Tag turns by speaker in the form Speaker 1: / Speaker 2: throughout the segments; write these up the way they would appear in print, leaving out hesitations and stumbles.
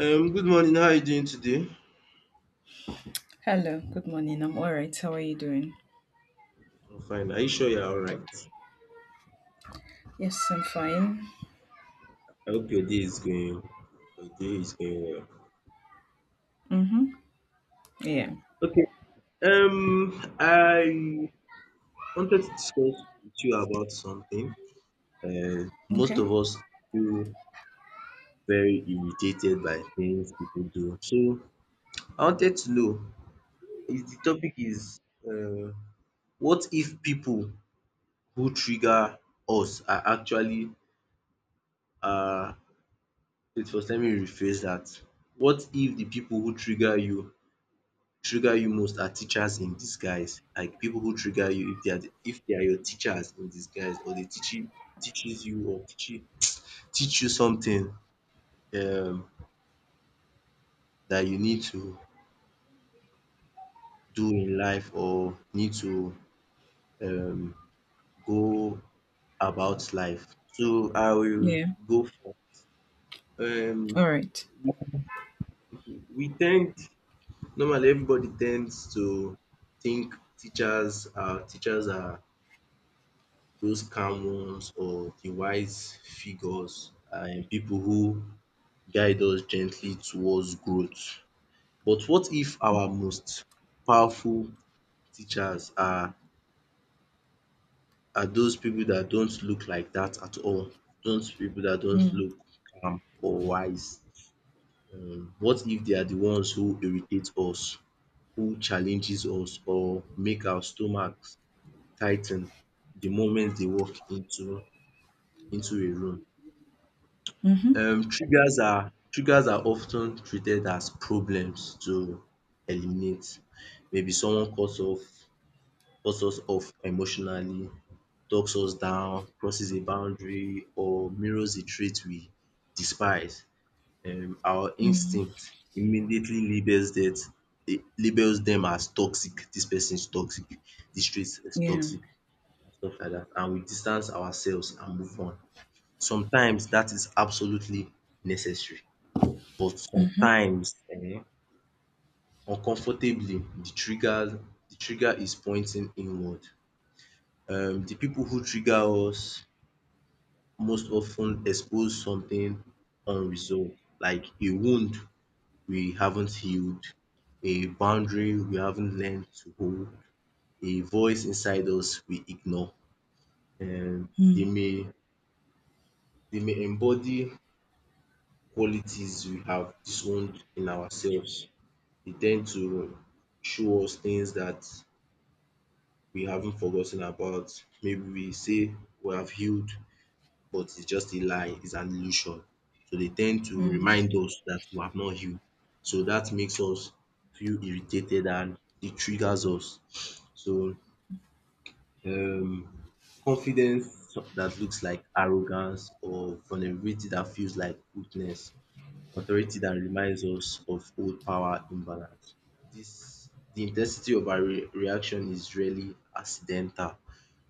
Speaker 1: Good morning. How are you doing today?
Speaker 2: Hello, good morning. I'm all right. How are you doing?
Speaker 1: I'm fine. Are you sure you're all right?
Speaker 2: Yes, I'm fine.
Speaker 1: I hope your day is going. Your day is going
Speaker 2: Mm-hmm. Yeah.
Speaker 1: well. Okay. I wanted to discuss with you about something. Most
Speaker 2: Okay.
Speaker 1: of us feel very irritated by things people do. So I wanted to know, is the topic is uh, what if people who trigger us are actually uh wait, first let me rephrase that. What if the people who trigger you most are teachers in disguise, like people who trigger you, if they are your teachers in disguise or they teach you teaches you or teach you something um that you need to do in life or need to um go about life. So I will
Speaker 2: Yeah.
Speaker 1: go for um
Speaker 2: All right.
Speaker 1: we tend, normally everybody tends to think teachers are those calm ones or the wise figures and people who guide us gently towards growth. But what if our most powerful teachers are those people that don't look like that at all? Those people that don't
Speaker 2: Mm.
Speaker 1: look calm or wise? What if they are the ones who irritate us, who challenges us or make our stomachs tighten the moment they walk into a room?
Speaker 2: Mm-hmm.
Speaker 1: Triggers are triggers are often treated as problems to eliminate. Maybe someone cuts us off emotionally, talks us down, crosses a boundary or mirrors a trait we despise. Our
Speaker 2: Mm.
Speaker 1: instinct immediately labels labels them as toxic. This person is toxic. This trait is
Speaker 2: Yeah.
Speaker 1: toxic, and stuff like that. And we distance ourselves and move on. Sometimes that is absolutely necessary. But
Speaker 2: Mm-hmm.
Speaker 1: sometimes uncomfortably, the trigger the trigger is pointing inward. The people who trigger us most often expose something unresolved, like a wound we haven't healed, a boundary we haven't learned to hold, a voice inside us we ignore. They
Speaker 2: Mm.
Speaker 1: may embody qualities we have disowned in ourselves. They tend to show us things that we haven't forgotten about. Maybe we say we have healed, but it's just a lie, it's an illusion. So they tend to
Speaker 2: Mm-hmm.
Speaker 1: remind us that we have not healed. So that makes us feel irritated, and it triggers us. So, um confidence that looks like arrogance, or vulnerability that feels like weakness, authority that reminds us of old power imbalance. This the intensity of our re reaction is really accidental.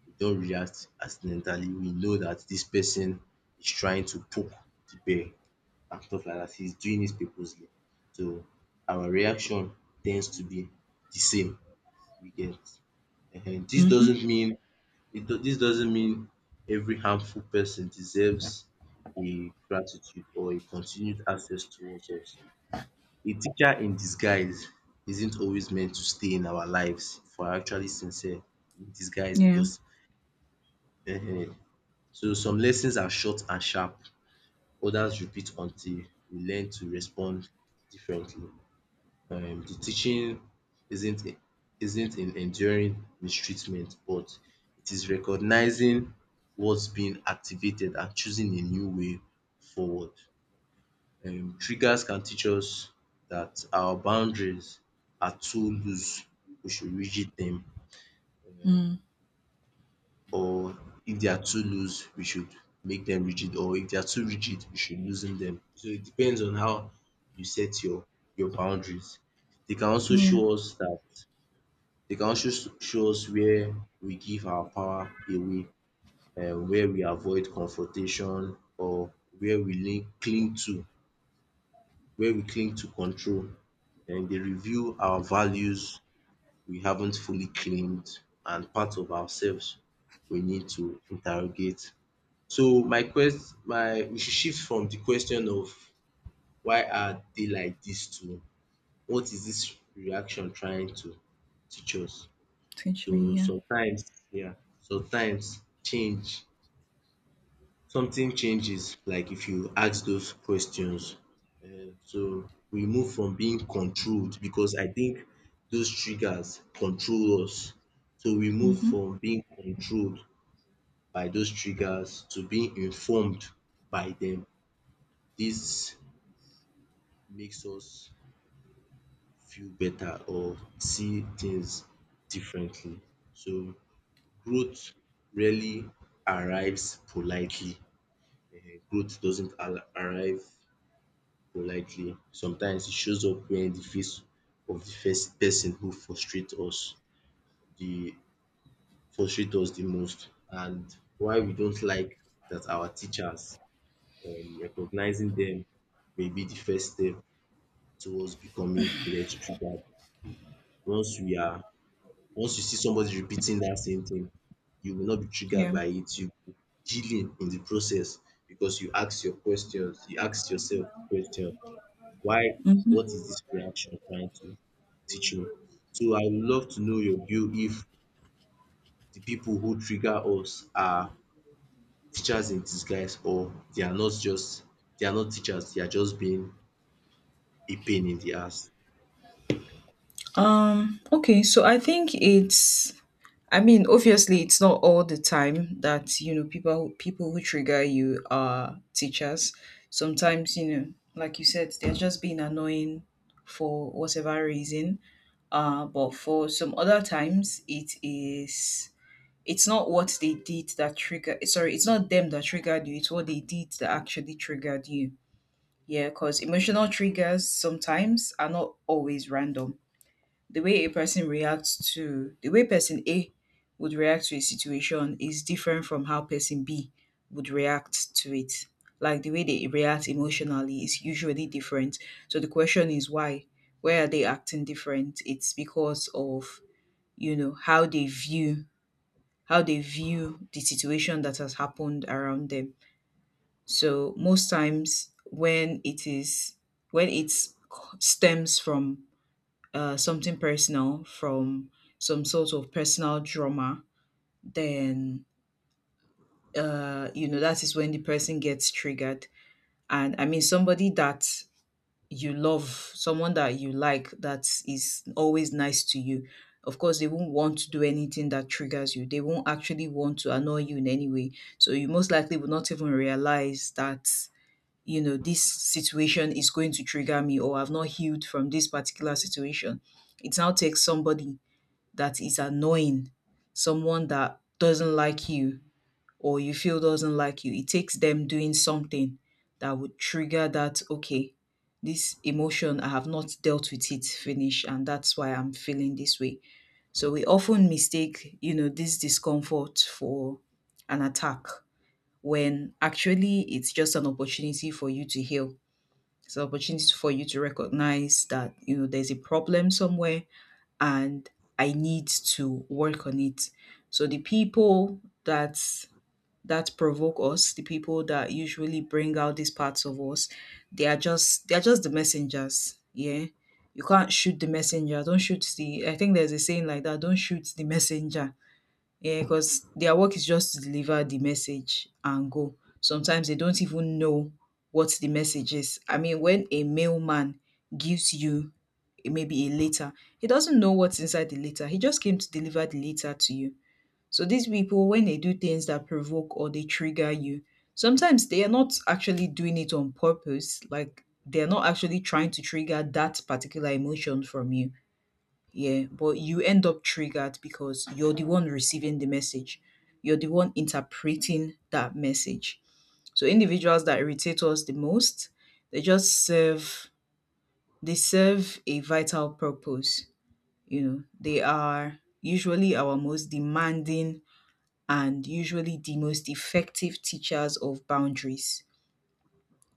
Speaker 1: We don react accidentally, we know that this person is trying to poke the bear and stuff like that. He's doing it purposely. So, our reaction tends to be the same, you get. Ehen. Dis
Speaker 2: Mm-hmm.
Speaker 1: doesn't mean it. Do, This doesn't mean every harmful person deserves a gratitude or a continued access towards us. A teacher in disguise isn't always meant to stay in our lives if we're actually sincere in disguise,
Speaker 2: Yeah.
Speaker 1: because ehen so some lessons are short and sharp, others repeat until we learn to respond differently. The teaching isn't in enduring mistreatment, but it is recognizing what's being activated and choosing a new way forward. Triggers can teach us that our boundaries are too loose, we should rigid them.
Speaker 2: Mm.
Speaker 1: Or if they are too loose, we should make them rigid, or if they are too rigid, we should loosen them. So it depends on how you set your boundaries. They can also
Speaker 2: Yeah.
Speaker 1: show us that, they can also s- show us where we give our power away, where we avoid confrontation, or where we link cling to where we cling to control. And they reveal our values we haven't fully claimed, and part of ourselves we need to interrogate. So my quest my we should shift from the question of why are they like this, to what is this reaction trying to teach us.
Speaker 2: Teach me.
Speaker 1: So
Speaker 2: Yeah.
Speaker 1: sometimes, yeah, sometimes change something changes, like if you ask those questions. So we move from being controlled, because I think those triggers control us. So we move
Speaker 2: Mm-hmm.
Speaker 1: from being controlled by those triggers to being informed by them. This makes us feel better, or see things differently. So growth rarely arrives politely. Growth doesn't arrive politely. Sometimes it shows up when the face of the first person who the frustrate us the most. And why we don't like that, our teachers, recognizing them may be the first step towards becoming less triggered. Once we are Once you see somebody repeating that same thing, you will not be triggered
Speaker 2: Yeah.
Speaker 1: by it, you will be chilling in the process, because you ask your questions, you ask yourself the question, why
Speaker 2: Mm-hmm.
Speaker 1: what is this reaction trying to teach me? So I would love to know your view, if the people who trigger us are teachers in disguise, or they are not teachers, they are just being a pain in the ass.
Speaker 2: Okay. So I think it's I mean, obviously, it's not all the time that people who trigger you are teachers. Sometimes, you know, like you said, they're just being annoying for whatever reason. But for some other times, it is it's not what they did that trigger. Sorry, it's not them that triggered you. It's what they did that actually triggered you. Yeah, because emotional triggers sometimes are not always random, the way a person reacts to the way person A would react to a situation is different from how person B would react to it. Like the way they react emotionally is usually different. So the question is why? Why are they acting different? It's because of, you know, how they view the situation that has happened around them. So most times when it is when it stems from something personal, from some sort of personal drama, then you know, that is when the person gets triggered. And I mean, somebody that you love, someone that you like, that is always nice to you. Of course, they won't want to do anything that triggers you. They won't actually want to annoy you in any way. So you most likely will not even realize that, you know, this situation is going to trigger me, or I've not healed from this particular situation. It now takes somebody that is annoying, someone that doesn't like you or you feel doesn't like you, it takes them doing something that would trigger that. Okay, this emotion, I have not dealt with it, finish, and that's why I'm feeling this way. So we often mistake, you know, this discomfort for an attack when actually it's just an opportunity for you to heal. It's an opportunity for you to recognize that, you know, there's a problem somewhere and I need to work on it. So the people that provoke us, the people that usually bring out these parts of us, they are just the messengers. Yeah. You can't shoot the messenger. Don't shoot the I think there's a saying like that, don't shoot the messenger. Yeah, cause their work is just to deliver the message and go. Sometimes they don't even know what the message is. I mean, when a mailman gives you maybe a letter, he doesn't know what's inside the letter. He just came to deliver the letter to you. So these people, when they do things that provoke or they trigger you, sometimes they are not actually doing it on purpose. Like they're not actually trying to trigger that particular emotion from you. Yeah, but you end up triggered because you're the one receiving the message, you're the one interpreting that message. So individuals that irritate us the most, they just serve they serve a vital purpose. You know, they are usually our most demanding and usually the most effective teachers of boundaries,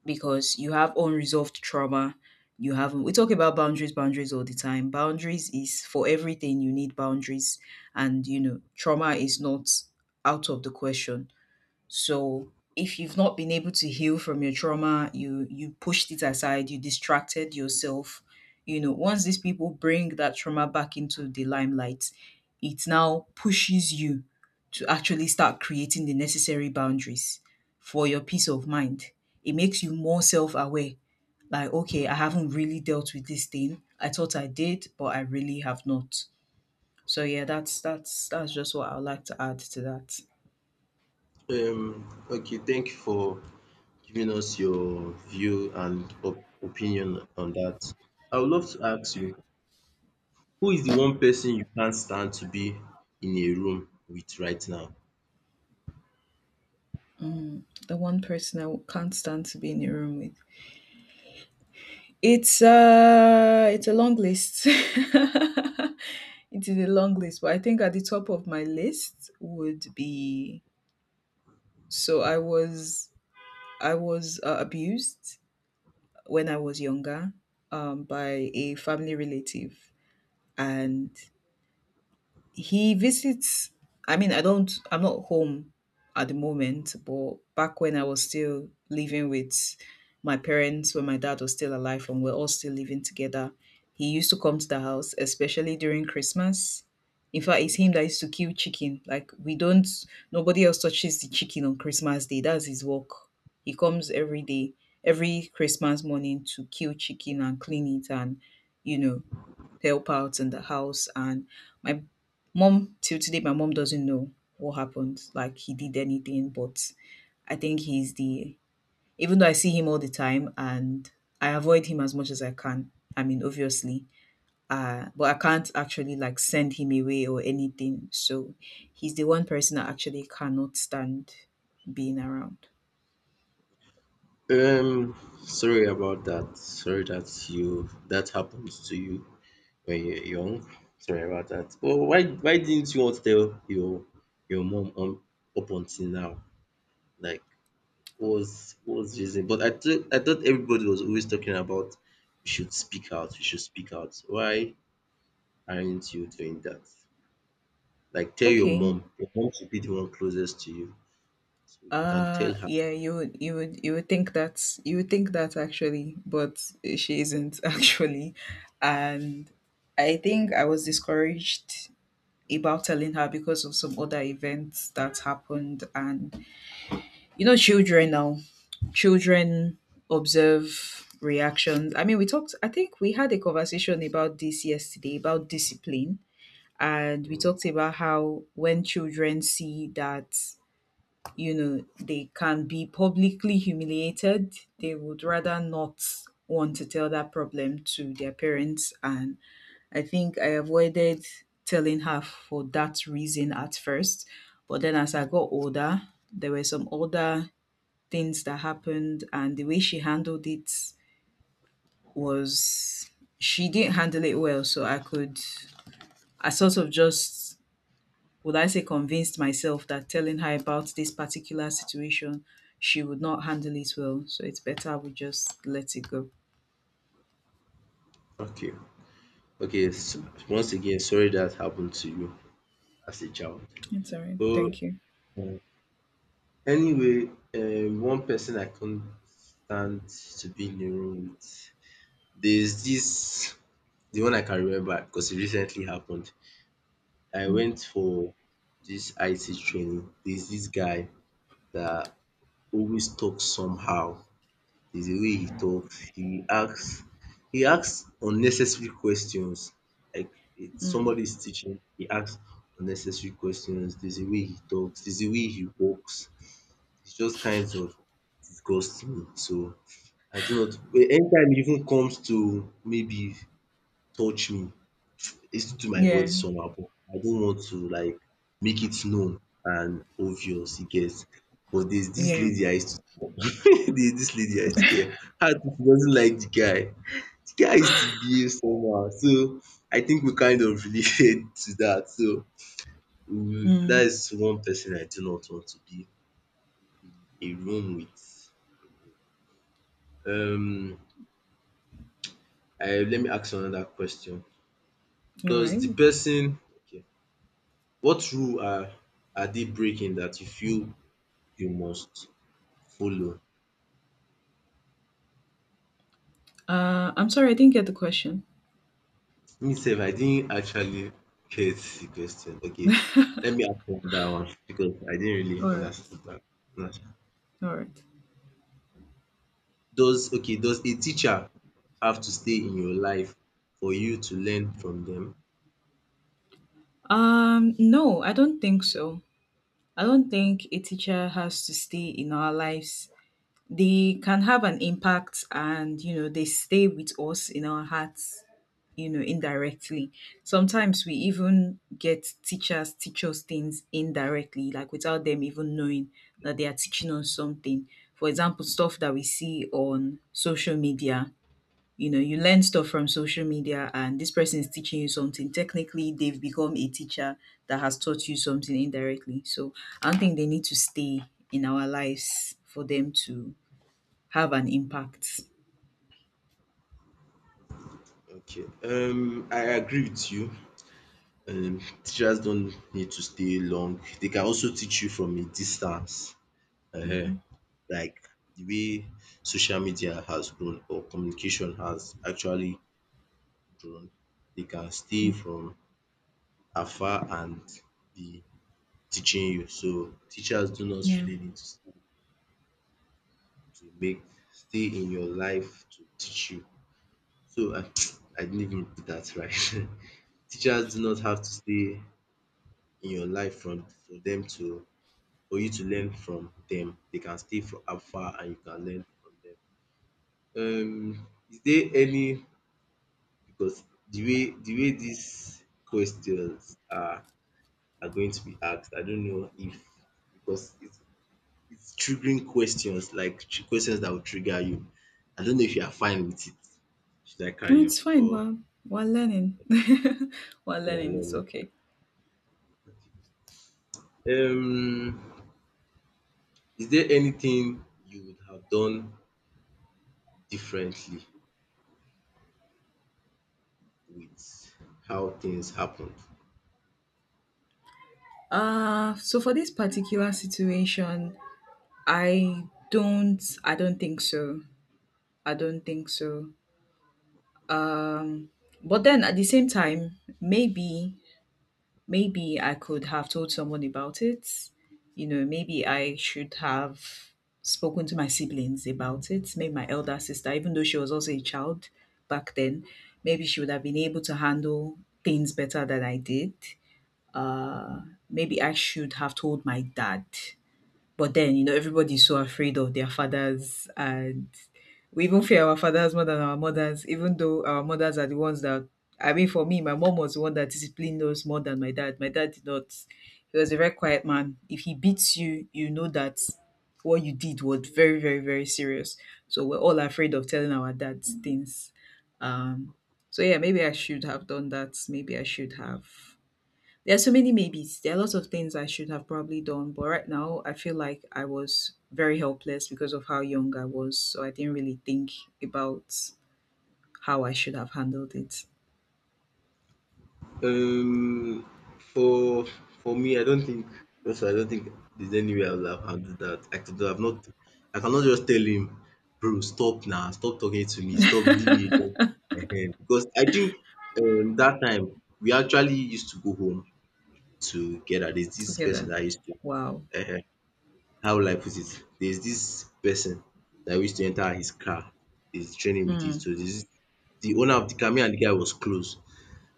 Speaker 2: because you have unresolved trauma. You haven't. We talk about boundaries all the time. Boundaries is for everything. You need boundaries, and you know trauma is not out of the question. So if you've not been able to heal from your trauma, you pushed it aside, you distracted yourself. You know, once these people bring that trauma back into the limelight, it now pushes you to actually start creating the necessary boundaries for your peace of mind. It makes you more self-aware. Like, okay, I haven't really dealt with this thing. I thought I did, but I really have not. So yeah, that's just what I would like to add to that.
Speaker 1: Okay, thank you for giving us your view and opinion on that. I would love to ask you, who is the one person you can't stand to be in a room with right now?
Speaker 2: The one person I can't stand to be in a room with. It's a long list. It is a long list, but I think at the top of my list would be, so I was I was abused when I was younger, by a family relative, and He visits I mean, I'm not home at the moment, but back when I was still living with my parents, when my dad was still alive and we're all still living together, he used to come to the house, especially during Christmas. In fact, it's him that used to kill chicken. Like we don't Nobody else touches the chicken on Christmas Day. That's his work. He comes every day, every Christmas morning to kill chicken and clean it and, you know, help out in the house. And my mom, till today, my mom doesn't know what happened, like he did anything. But I think even though I see him all the time, and I avoid him as much as I can. I mean, obviously, but I can't actually like send him away or anything. So he's the one person I actually cannot stand being around.
Speaker 1: Um, Sorry about that. Sorry that happens to you when you're young. Sorry about that. But why didn't you want to tell your mom on, up until now? Like what was the reason? But I thought everybody was always talking about we should speak out, we should speak out. Why aren't you doing that? Like, tell your
Speaker 2: Okay.
Speaker 1: mom. Your mom should be the one closest to you. So you can tell her.
Speaker 2: Yeah, you would think that. You would think that, actually, but she isn't. Actually. And I think I was discouraged about telling her because of some other events that happened, and, you know, children now. Children observe reactions. I think we had a conversation about this yesterday, about discipline. And we talked about how when children see that, you know, they can be publicly humiliated. They would rather not want to tell that problem to their parents. And I think I avoided telling her for that reason at first. But then as I got older, there were some other things that happened, and the way she handled it was she didn't handle it well. So I sort of just would I say convinced myself that telling her about this particular situation, she would not handle it well. So it's better we just let it go.
Speaker 1: Okay, okay, once again, sorry that happened to you as a child.
Speaker 2: It's all right.
Speaker 1: But
Speaker 2: Thank you.
Speaker 1: um, anyway, one person I can't stand to be in a room with. There's this the one I can remember, because it recently happened. I
Speaker 2: Mm.
Speaker 1: went for this IT training. There's this guy that always talks somehow, the way he talks. He asks unnecessary questions, like if somebody is teaching, he asks unnecessary questions, there's a way he talks, there's a way he walks, it's just kinds of disgusts me. So I do not But anytime e even comes to maybe touch me, it's to my body
Speaker 2: Yeah,
Speaker 1: somehow, but I don't want to like make it known and obvious, you get. But there's this
Speaker 2: yeah.
Speaker 1: lady I used to there's dis lady I used to tell her too, she doesn't like the guy used to behave somehow. So I think we kind of relate to that. So we that
Speaker 2: Mm.
Speaker 1: is one person I do not want to be a room with. Um I Let me ask another question.
Speaker 2: All
Speaker 1: Does
Speaker 2: right.
Speaker 1: the person okay What rule are they breaking that you feel you must follow?
Speaker 2: I'm sorry, I didn't get the question.
Speaker 1: Me sef I didn't actually get the question. Okay, let me ask another one, because I didn't really
Speaker 2: All right,
Speaker 1: understand that.
Speaker 2: all right.
Speaker 1: Does a teacher have to stay in your life for you to learn from them?
Speaker 2: No, I don't think so. I don't think a teacher has to stay in our lives. They can have an impact, and you know they stay with us in our hearts, you know, indirectly. Sometimes we even get teachers teach us things indirectly, like without them even knowing that they are teaching us something. For example, stuff that we see on social media, you know, you learn stuff from social media, and this person is teaching you something. Technically, they've become a teacher that has taught you something indirectly. So I don't think they need to stay in our lives for them to have an impact.
Speaker 1: Okay, I agree with you. Teachers don't need to stay long. They can also teach you from a distance, um
Speaker 2: Mhm,
Speaker 1: like the way social media has grown, or communication has actually grown. They can stay
Speaker 2: mm.
Speaker 1: from afar and be teaching you. So teachers do not
Speaker 2: Yeah.
Speaker 1: really need to to make stay in your life to teach you. So I I didn't even put that right. Teachers do not have to stay in your life from for them to for you to learn from them. They can stay for afar and you can learn from them. Is there any Because the way these questions are going to be asked, I don't know if, because it's triggering questions, like questions that will trigger you. I don't know if you are fine with it. Should I
Speaker 2: No,
Speaker 1: carry on,
Speaker 2: it's fine.
Speaker 1: or
Speaker 2: We're learning. We're
Speaker 1: you are
Speaker 2: learning. It's
Speaker 1: learning?
Speaker 2: okay.
Speaker 1: Um, is there anything you would have done differently with how things happened?
Speaker 2: So for this particular situation, I I don't think so. I don't think so. Um, but then at the same time, maybe I could have told someone about it. You know, maybe I should have spoken to my siblings about it. Maybe my elder sister, even though she was also a child back then, maybe she would have been able to handle things better than I did. Uh, maybe I should have told my dad. But then, you know, everybody's so afraid of their fathers, and we even fear our fathers more than our mothers, even though our mothers are the ones that for me, my mom was the one that disciplined us more than my dad. My dad did not He was a very quiet man. If he beats you, you know that what you did was very, very, very serious. So we're all afraid of telling our dads things. Um so yeah, maybe I should have done that. Maybe I should have There are so many maybes. There are lots of things I should have probably done, but right now I feel like I was very helpless because of how young I was. So I didn't really think about how I should have handled it.
Speaker 1: Um, for for me, I don't think. Also, I don't think there's any way I would have handled that. I could have not. I cannot just tell him, bro, stop now, stop talking to me, stop, leave me alone. Ehen. Because I think, that time we actually used to go home together. There's this person
Speaker 2: Together.
Speaker 1: that I used to.
Speaker 2: Wow.
Speaker 1: How will I put it? There's this person that wish to enter his car. He's training with it. So
Speaker 2: Mm.
Speaker 1: there's this is the owner of the car, me and the guy was close.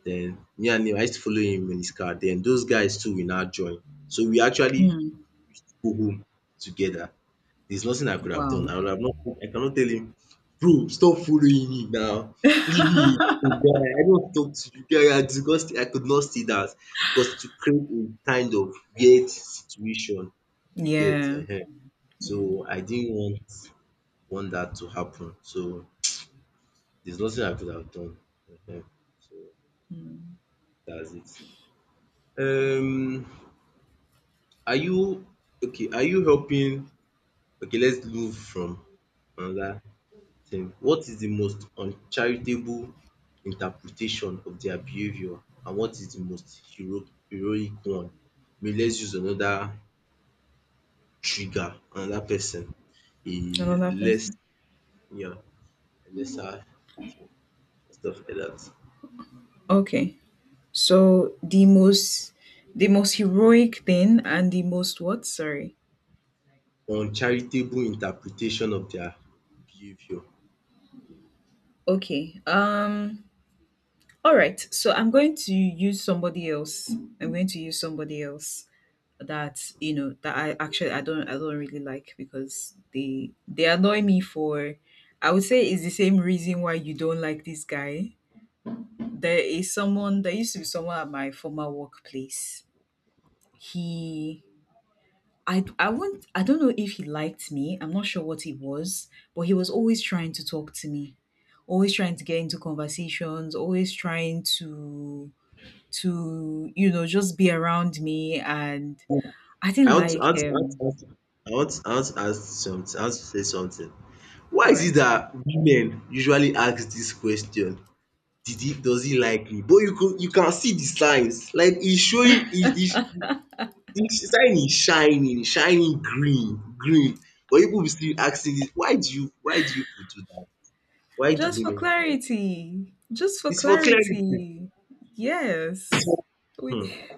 Speaker 1: Then me and him, I used to follow him in his car. Then those guys too will now join. So we actually
Speaker 2: Mm.
Speaker 1: go home together. There's nothing I could have done.
Speaker 2: Wow.
Speaker 1: I would have not I cannot tell him, bro, stop following me now. Leave me alone, guy. I don't talk to you, guy. I could not see that, because to create a kind of weird situation. You get
Speaker 2: Yeah. Yeah.
Speaker 1: so I didn't want that to happen. So there's nothing I could have done. Ehen. So
Speaker 2: Mm.
Speaker 1: that's it. Um, are you okay? Are you helping? Okay, let's move from another thing. What is the most uncharitable interpretation of their behavior, and what is the most heroic one? Maybe let's use another trigger, another person, a
Speaker 2: Another
Speaker 1: less
Speaker 2: person.
Speaker 1: yeah, a lesser thing, stuff like that.
Speaker 2: Okay. So the most heroic thing and the most what? Sorry.
Speaker 1: Uncharitable interpretation of their behavior.
Speaker 2: Okay. All right, so I'm going to use somebody else. I'm going to use somebody else that you know that I actually I don't really like, because they annoy me for, I would say it's the same reason why you don't like this guy. There is someone, there used to be someone at my former workplace. He I won't I don't know if he liked me. I'm not sure what he was, but he was always trying to talk to me. Always trying to get into conversations, always trying to you know, just be around me, and I
Speaker 1: I
Speaker 2: didn't
Speaker 1: want to
Speaker 2: like
Speaker 1: I want to I
Speaker 2: him.
Speaker 1: want to I want to I want to ask something. I want to say something. Why
Speaker 2: All
Speaker 1: is it
Speaker 2: right.
Speaker 1: that women usually ask this question? Did he does he like me? But you can see the signs. Like he's showing. Is the sign is shining, shining green, green. But people will still asking this, why do you put do that? Why do
Speaker 2: Just for
Speaker 1: women do that?
Speaker 2: clarity. Just for
Speaker 1: It's for clarity.
Speaker 2: clarity. Yes. We
Speaker 1: Hmm.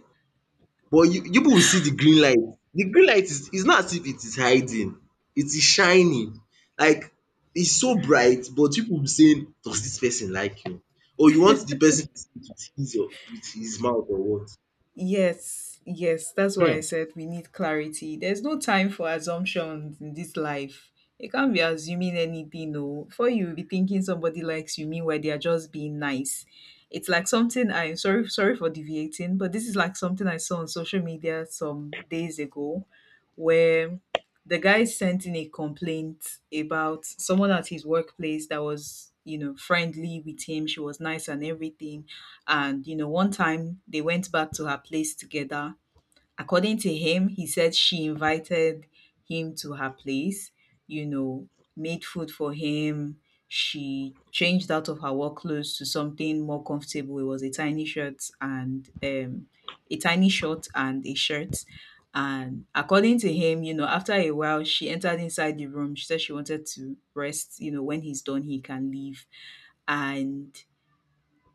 Speaker 1: But you people will see the green light. The green light is not as if it is hiding, it is shining. Like it's so bright, but people will be saying, does this person like you? Or you want the person to see it with his, or with his mouth, or what?
Speaker 2: Yes, yes, that's why I
Speaker 1: um
Speaker 2: said we need clarity. There's no time for assumptions in this life. You can't be assuming anything, no. Before you be thinking somebody likes you, meanwhile they are just being nice. It's like something I'm sorry, sorry for deviating, but this is like something I saw on social media some days ago, where the guy sent in a complaint about someone at his workplace that was, friendly with him. She was nice and everything and, one time they went back to her place together. According to him, he said she invited him to her place, you know, made food for him. She changed out of her work clothes to something more comfortable. It was a tiny shirt and a tiny short and a shirt. And according to him, after a while, she entered inside the room. She said she wanted to rest. You know, when he's done, he can leave. And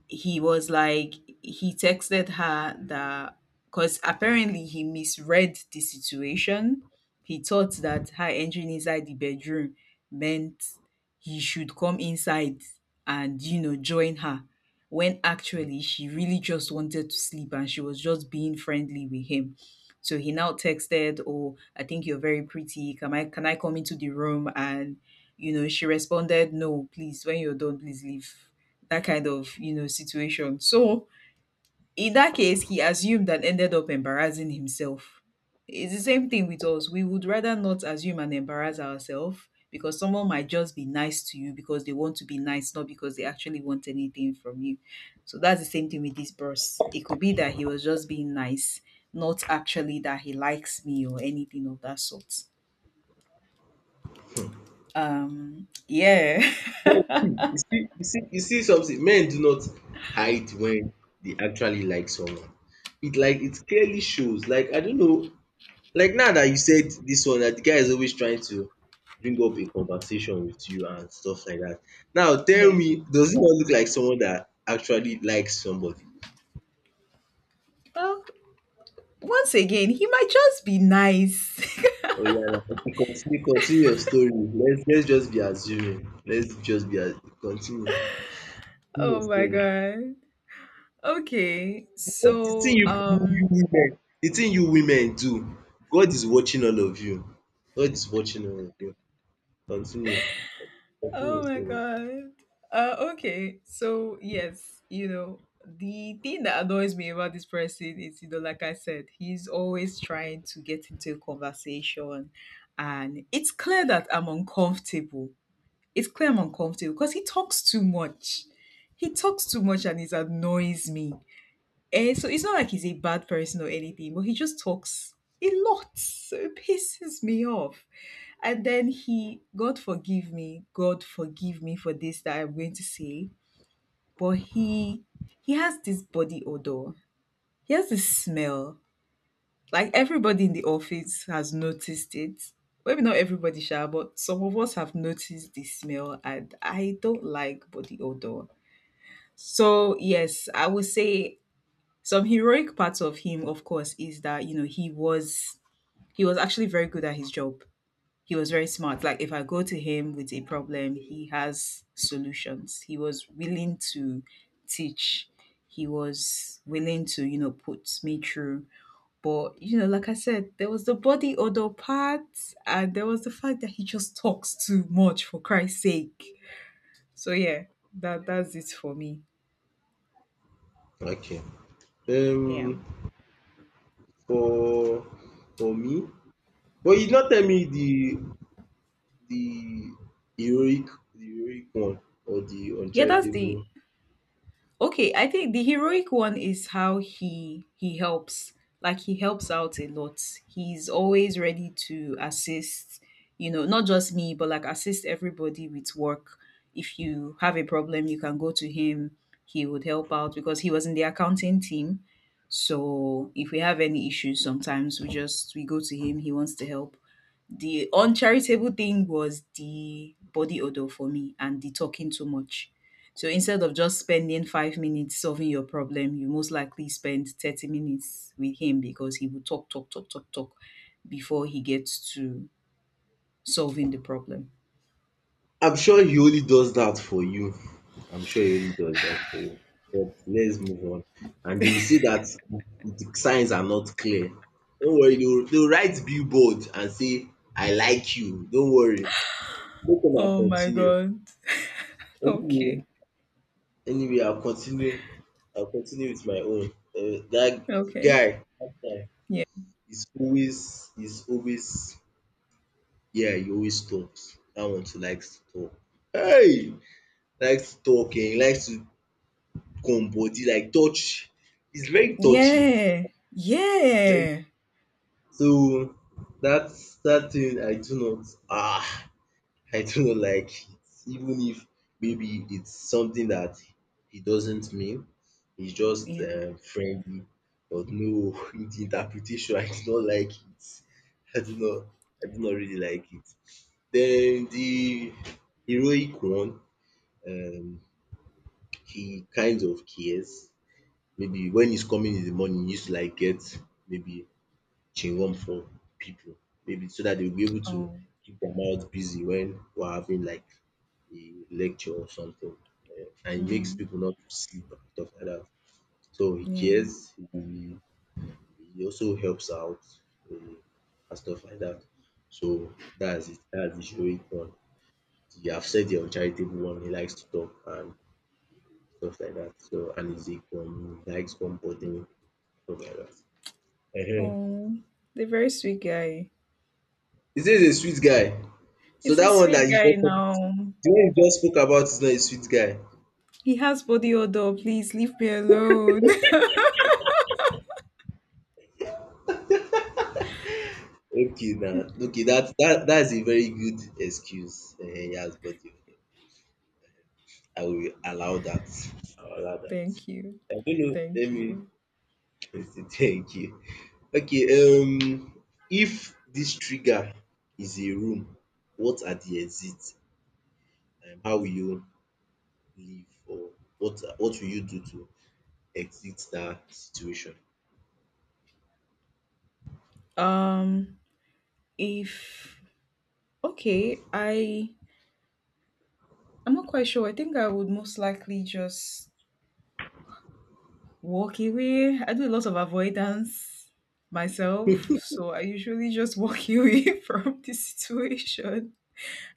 Speaker 2: he was like he texted her that because apparently he misread the situation, he thought that her entering inside the bedroom meant he should come inside and join her, when actually she really just wanted to sleep and she was just being friendly with him. So he now texted, "Oh, I think you're very pretty. Can I come into the room?" And she responded, "No, please, when you're done, please leave." That kind of, situation. So in that case, he assumed and ended up embarrassing himself. It's the same thing with us. We would rather not assume and embarrass ourselves, because someone might just be nice to you because they want to be nice, not because they actually want anything from you. So that's the same thing with this boss. It could be that he was just being nice, not actually that he likes me or anything of that sort. Yeah.
Speaker 1: you see you see something. Men do not hide when they actually like someone. It like it clearly shows. Like I don't know. Like now that you said this one, that the guy is always trying to bring up a conversation with you and stuff like that. Now tell
Speaker 2: Yeah,
Speaker 1: me, does he not look like someone that actually likes somebody?
Speaker 2: well, once again, he might just be nice.
Speaker 1: Oh yeah, na. Okay, continue your story. Let's just be assuming. Let's just be as continue. Continue your
Speaker 2: Oh my
Speaker 1: story.
Speaker 2: god. Okay.
Speaker 1: But the thing
Speaker 2: So,
Speaker 1: you women, the thing you women do, God is watching all of you. God is watching all of you. Continue. Continue your
Speaker 2: oh my
Speaker 1: story.
Speaker 2: god. Okay. So, yes, you know, the thing that annoys me about this person is, you know, like I said, he's always trying to get into a conversation, and it's clear that I'm uncomfortable. It's clear I'm uncomfortable because he talks too much. He talks too much and it annoys me. Eh, so it's not like he's a bad person or anything, but he just talks a lot. So it pisses me off. And then he, God forgive me for this that I'm going to say. But he has this body odor. He has this smell. Like everybody in the office has noticed it. Maybe not everybody shall, but some of us have noticed the smell and I don't like body odor. So yes, I would say some heroic parts of him of course is that you know he was actually very good at his job. He was very smart. Like if I go to him with a problem, he has solutions. He was willing to teach, he was willing to, put me through. But you know, like I said, there was the body odor part, and there was the fact that he just talks too much, for Christ's sake. So yeah, that that's it for me.
Speaker 1: Okay.
Speaker 2: Yeah.
Speaker 1: Um, for me, but you not tell me the heroic the heroic one or the
Speaker 2: Yeah, that's
Speaker 1: uncharitable
Speaker 2: the—
Speaker 1: one.
Speaker 2: okay, I think the heroic one is how he helps. Like he helps out a lot. He's always ready to assist, you know, not just me, but like assist everybody with work. If you have a problem, you can go to him. He would help out because he was in the accounting team. So if we have any issues, sometimes we go to him. He wants to help. The uncharitable thing was the body odor for me and the talking too much. So instead of just spending 5 minutes solving your problem, you most likely spend 30 minutes with him because he will talk, talk, talk, talk, talk before he gets to solving the problem.
Speaker 1: I'm sure he only does that for you. I'm sure he only does that for you. But let's move on. And they will say that the signs are not clear. Don't worry, they will write billboard and say, I like you. Don't worry. Make una
Speaker 2: Oh my
Speaker 1: continue.
Speaker 2: God.
Speaker 1: Okay.
Speaker 2: Okay.
Speaker 1: Anyway, I'll continue with my own.
Speaker 2: Okay.
Speaker 1: Dat guy
Speaker 2: Yeah.
Speaker 1: is always yeah, he always talks. Dat one too likes to talk. Hey! Likes to talk, likes to come body like touch. He's very touchy.
Speaker 2: Yeah.
Speaker 1: He's very
Speaker 2: Yeah.
Speaker 1: so that that thing I do not ah. I do not like it, even if maybe it's something that he doesn't mean. He's just
Speaker 2: Yeah.
Speaker 1: friendly. But no, in the interpretation, I do not like it. I do not I do not really like it. Then the heroic one, um he kind of cares. Maybe when he's coming in the morning, he used to like get maybe chewing gum from people, maybe so that they'll be able to
Speaker 2: Oh.
Speaker 1: keep their mouth busy when we're having like a lecture or something. Eh, and it makes
Speaker 2: Mm.
Speaker 1: people not to sleep and stuff like that. So he
Speaker 2: Yeah.
Speaker 1: cares, he also helps out, eh, and stuff like that. So that's it, that's the heroic one. The- have said the uncharitable one, he likes to talk and stuff like that. So and he's a he likes comforting, stuff like that. Ehen.
Speaker 2: Oh. The very sweet guy.
Speaker 1: He says he's a sweet guy. So
Speaker 2: It's a
Speaker 1: that one that
Speaker 2: sweet
Speaker 1: you
Speaker 2: guy
Speaker 1: just talk. The
Speaker 2: now.
Speaker 1: one you just spoke about is not a sweet guy.
Speaker 2: He has body odor. Please leave me alone.
Speaker 1: Okay now, okay that is a very good excuse. He has body odour. I will allow that. I will allow that.
Speaker 2: Thank you.
Speaker 1: I don't know, let
Speaker 2: Thank
Speaker 1: me
Speaker 2: you.
Speaker 1: thank you. Okay, if this trigger is a room, what are the exits? How will you leave, or what will you do to exit that situation?
Speaker 2: Um, if okay, I'm not quite sure. I think I would most likely just walk away. I do a lot of avoidance myself, so I usually just walk away from the situation.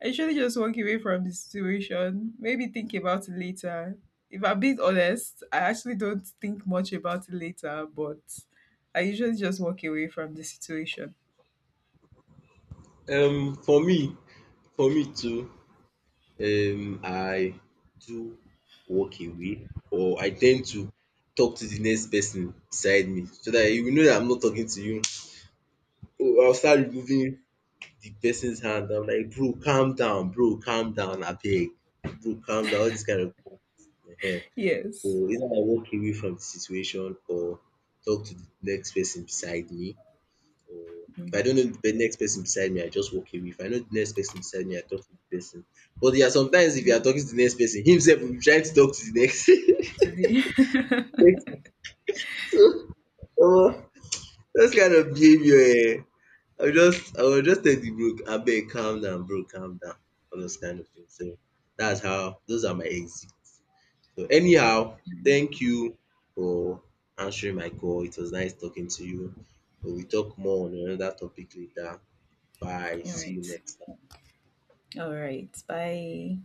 Speaker 2: I usually just walk away from the situation. Maybe think about it later. If I'm being honest, I actually don't think much about it later, but I usually just walk away from the situation.
Speaker 1: Um, for me too, I do walk away, or I tend to talk to the next person beside me, so that you will know that I'm not talking to you. I will start removing the person's hand, I'm like, bro calm down abeg, bro calm down, all dis kind of. So
Speaker 2: Yes.
Speaker 1: either I walk away from the situation, or talk to the next person beside me, or if I
Speaker 2: Mm.
Speaker 1: don't know the next person beside me, I just walk away. If I know the next person beside me, I talk to the person. But there are sometimes, if you are talking to the next person, himself will be trying to talk to the next
Speaker 2: Today.
Speaker 1: next person. So omo, those kind of behaviour, eh? I will just tell the bro, abeg calm down, bro calm down, all those kind of things. So that's how, those are my exits. So anyhow, thank you for answering my call. It was nice talking to you. We will talk more on another topic later. Bye.
Speaker 2: All
Speaker 1: See you
Speaker 2: right.
Speaker 1: next time.
Speaker 2: All right. Bye.